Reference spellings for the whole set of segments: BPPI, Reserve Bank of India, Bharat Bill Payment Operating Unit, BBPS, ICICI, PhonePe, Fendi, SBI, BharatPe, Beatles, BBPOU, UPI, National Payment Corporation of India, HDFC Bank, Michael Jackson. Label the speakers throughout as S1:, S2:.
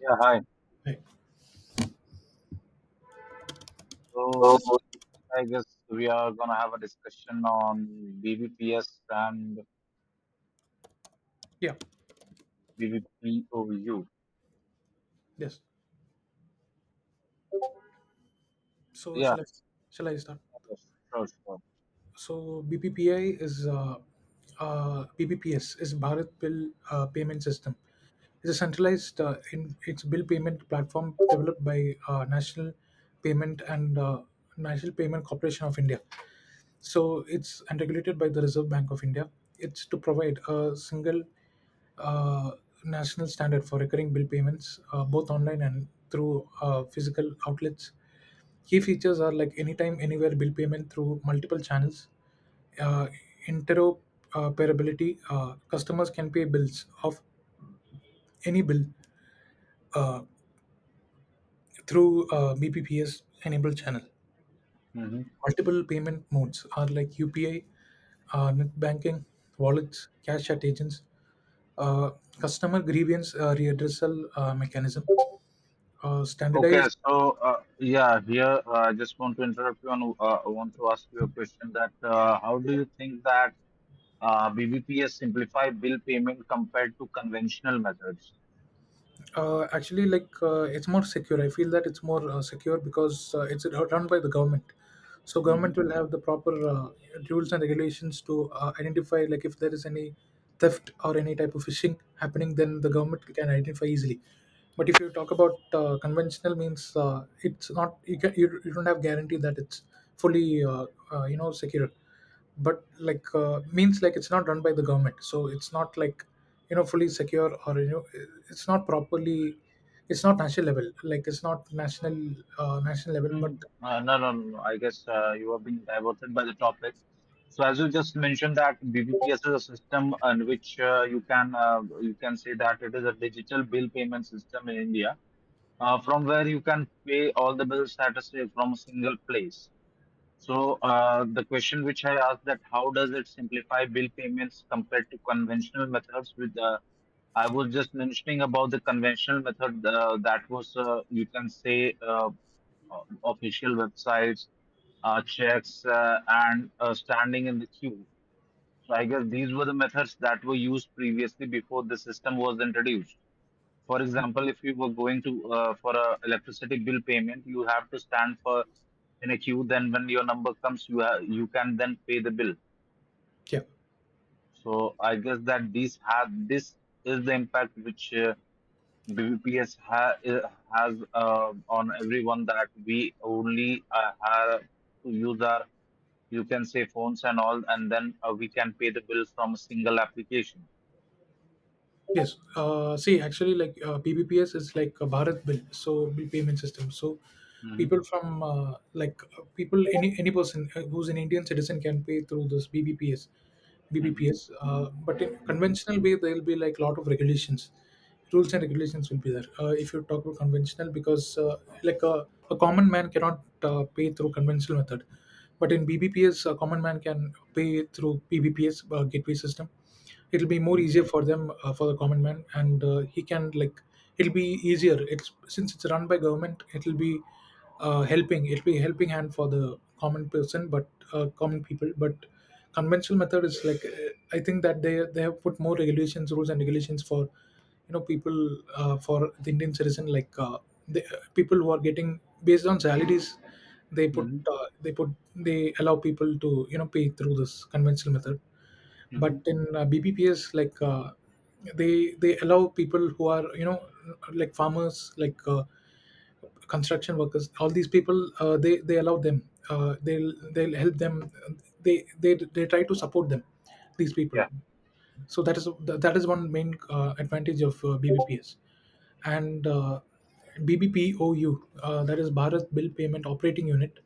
S1: Yeah, hi.
S2: Right.
S1: So
S2: So,
S1: I guess we are gonna have a discussion on BBPS and
S2: yeah.
S1: BBPOU.
S2: Yes. So
S1: Yeah,
S2: shall I start?
S1: yes, sure, sure.
S2: So BPPI is BBPS is Bharat Bill Payment System. It's a centralized in its bill payment platform developed by National Payment and National Payment Corporation of India. So it's and regulated by the Reserve Bank of India. It's to provide a single uh, national standard for recurring bill payments, both online and through physical outlets. Key features are like anytime, anywhere bill payment through multiple channels, uh, interoperability. Customers can pay bills of any bill uh, through BPPS enabled channel.
S1: hmm
S2: Multiple payment modes are like UPI, net banking, wallets, cash at agents, uh, customer grievance readdressal mechanism,
S1: Okay,
S2: standardized.
S1: so yeah, here I just want to interrupt you and I want to ask you a question that how do you think that BBPS simplify bill payment compared to conventional methods?
S2: Actually, like it's more secure. I feel that it's more secure because it's run by the government. So
S1: Hmm
S2: government will have the proper rules and regulations to identify, like if there is any theft or any type of phishing happening, then the government can identify easily. But if you talk about conventional means, it's not you can you don't have guarantee that it's fully you know secure, but like means like it's not run by the government, so it's not like you know fully secure or you know it's not properly, it's not national level, like it's not national national level but
S1: No, no, no, no. I guess you have been diverted by the topic. So, as you just mentioned, that BBPS is a system in which you can say that it is a digital bill payment system in India, from where you can pay all the bills at a say from a single place. So, the question which I asked that how does it simplify bill payments compared to conventional methods with I was just mentioning about the conventional method that was, you can say, o- official websites, checks, and standing in the queue. So I guess these were the methods that were used previously before the system was introduced. For example, if you were going to for a electricity bill payment, you have to stand for in a queue. Then when your number comes, you can then pay the bill.
S2: yeah.
S1: So I guess that these have this is the impact which BBPS has on everyone that we only have to use our, you can say, phones and all, and then we can pay the bill from a single application.
S2: Yes. See, actually, like BBPS is like a Bharat bill, so bill payment system. So people
S1: Mhm,
S2: from like people any person who's an Indian citizen can pay through this BBPS,
S1: mhm,
S2: BBPS. But in
S1: mhm,
S2: conventional way, there will be like lot of regulations, rules and regulations will be there. If you talk about conventional, because like a, a common man cannot pay through conventional method, but in BBPS, a common man can pay through BBPS gateway system. It'll be more
S1: mhm,
S2: easier for them for the common man, and he can like it'll be easier, it's since it's run by government, it'll be helping it'll be helping hand for the common person, but common people. But conventional method is like I think that they have put more regulations, rules and regulations for you know people, for the Indian citizen, like the people who are getting based on salaries, they put
S1: mhm,
S2: they put, they allow people to you know pay through this conventional method, but
S1: mhm.
S2: in BBPS, like they allow people who are you know like farmers, like construction workers, all these people, they allow them, they'll help them, they try to support them, these people.
S1: Yeah.
S2: So that is one main advantage of BBPS. And BBPOU, that is Bharat Bill Payment Operating Unit.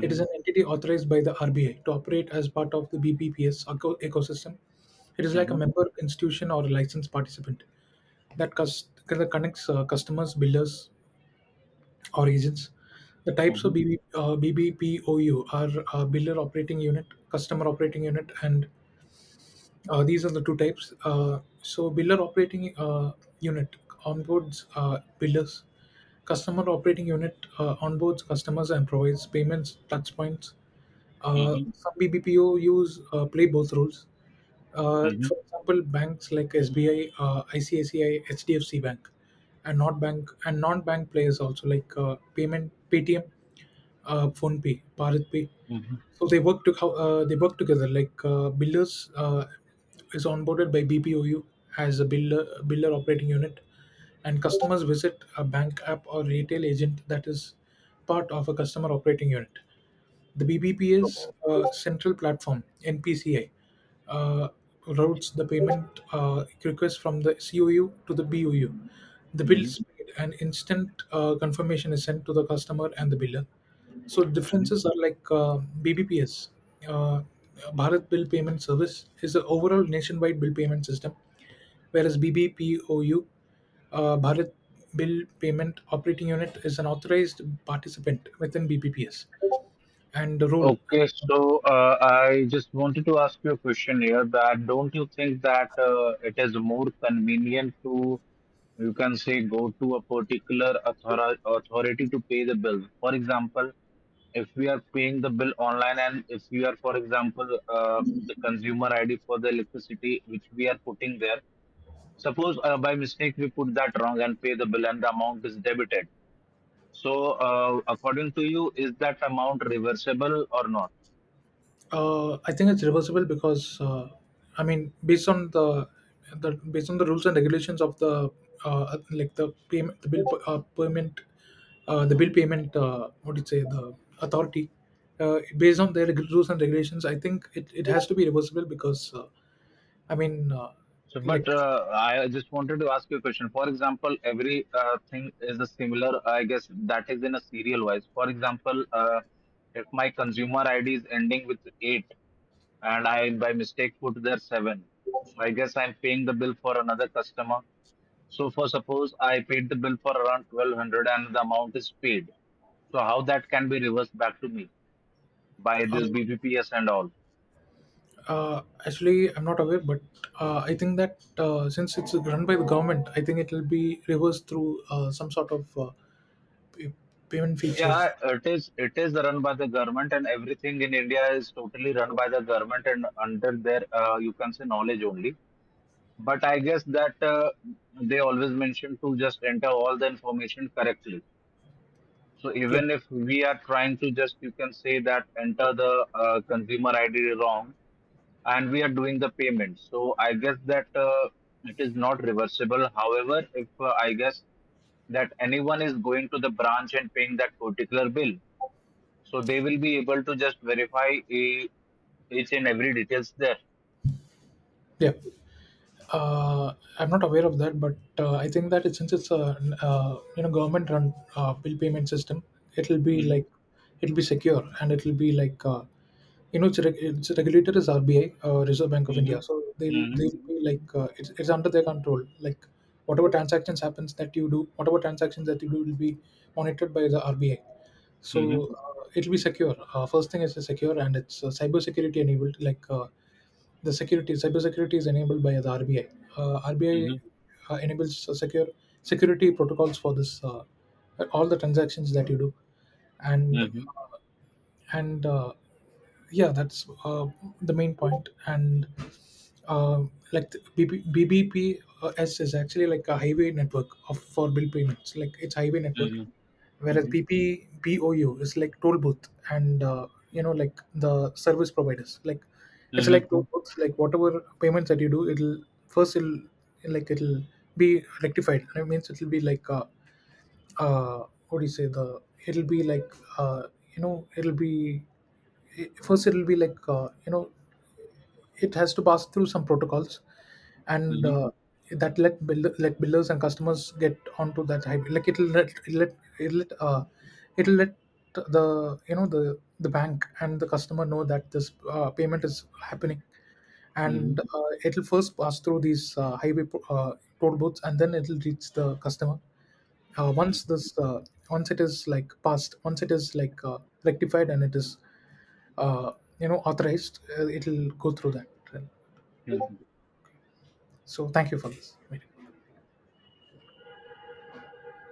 S2: It is an entity authorized by the RBI to operate as part of the ecosystem. It is like a
S1: mhm,
S2: member institution or a licensed participant that that connects customers, billers, or agents. The types of
S1: mhm,
S2: BBPOU are biller operating unit, customer operating unit, and these are the two types. So, Builder Operating Unit onboards builders. Customer Operating Unit onboards customers and provides payments touchpoints.
S1: mhm,
S2: Some BBPO use play both roles.
S1: mhm,
S2: For example, banks like SBI, ICICI, HDFC Bank, and not bank and non-bank players also, like payment PTM, PhonePe, BharatPe.
S1: mhm.
S2: So they work together. Like builders is onboarded by BPOU as a builder operating unit, and customers visit a bank app or retail agent that is part of a customer operating unit. The
S1: So.
S2: BBPS central platform (NPCI) uh, routes the payment request from the COU to the BOU. The bill
S1: Mhm.
S2: is paid, and instant confirmation is sent to the customer and the biller. So differences are like BBPS, uh, Bharat Bill Payment Service, is the overall nationwide bill payment system, whereas BBPOU, Bharat Bill Payment Operating Unit, is an authorized participant within BBPS. And the role.
S1: Okay, so I just wanted to ask you a question here that don't you think that it is more convenient to, you can say, go to a particular author authority to pay the bill? For example, if we are paying the bill online and if we are, for example, the consumer ID for the electricity which we are putting there, suppose by mistake we put that wrong and pay the bill and the amount is debited. So, according to you, is that amount reversible or not?
S2: I think it's reversible because I mean, based on the based on the rules and regulations of the like the payment the bill payment the bill payment, what do you say, the authority, based on their rules and regulations. I think it has to be reversible because I mean
S1: So, but
S2: like
S1: I just wanted to ask you a question. For example, every thing is a similar, I guess that is in a serial wise. For example, if my consumer ID is ending with eight and I by mistake put there seven, so I guess I'm paying the bill for another customer. So, for suppose I paid the bill for around 1200 and the amount is paid. So, how that can be reversed back to me by
S2: uh,
S1: this BBPS and all?
S2: actually I'm not aware, but I think that since it's run by the government, I think it will be reversed through some sort of pay- payment
S1: Yeah,
S2: features.
S1: it is run by the government and everything in India is totally run by the government and under their you can say knowledge only. But I guess that they always mention to just enter all the information correctly. So
S2: Yeah.
S1: even if we are trying to just you can say that enter the consumer ID wrong and we are doing the payment. So I guess that it is not reversible. However, if I guess that anyone is going to the branch and paying that particular bill. So they will be able to just each and every details there.
S2: Yeah. I'm not aware of that, but I think that since it's a you know government run bill payment system, it'll be
S1: Mhm,
S2: like it'll be secure, and it'll be like you know its regulator is RBI, Reserve Bank of India.
S1: mhm,
S2: So they'll
S1: mhm,
S2: they'll be
S1: mhm,
S2: like it's under their control. Like whatever transactions happens that you do, whatever transactions that you do will be monitored by the RBI.
S1: mhm,
S2: So it'll be secure. First thing is it's secure and it's cyber security enabled. Like the security cybersecurity is enabled by the RBI.
S1: mhm,
S2: RBI enables secure security protocols for this all the transactions that you do, and and yeah, that's the main point. And like the BBPS is actually like a highway network of for bill payments. Like it's highway network,
S1: mhm,
S2: whereas
S1: mhm,
S2: BPBOU is like toll booth and you know like the service providers. Like it's
S1: mhm,
S2: like toll
S1: mhm,
S2: booths. Like whatever payments that you do, it'll first it'll like it'll be rectified. That means it'll be like what do you say, the it'll be like uh, you know it'll be first, it'll be like you know it has to pass through some protocols. And
S1: mhm.
S2: that let let builders and customers get onto that hybrid, like it'll let the you know the bank and the customer know that this payment is happening. And it'll first pass through these toll booths, and then it'll reach the customer. Uh, once it is like passed, once it is like rectified and it is uh, you know authorized, it'll go through that. So thank you for this meeting.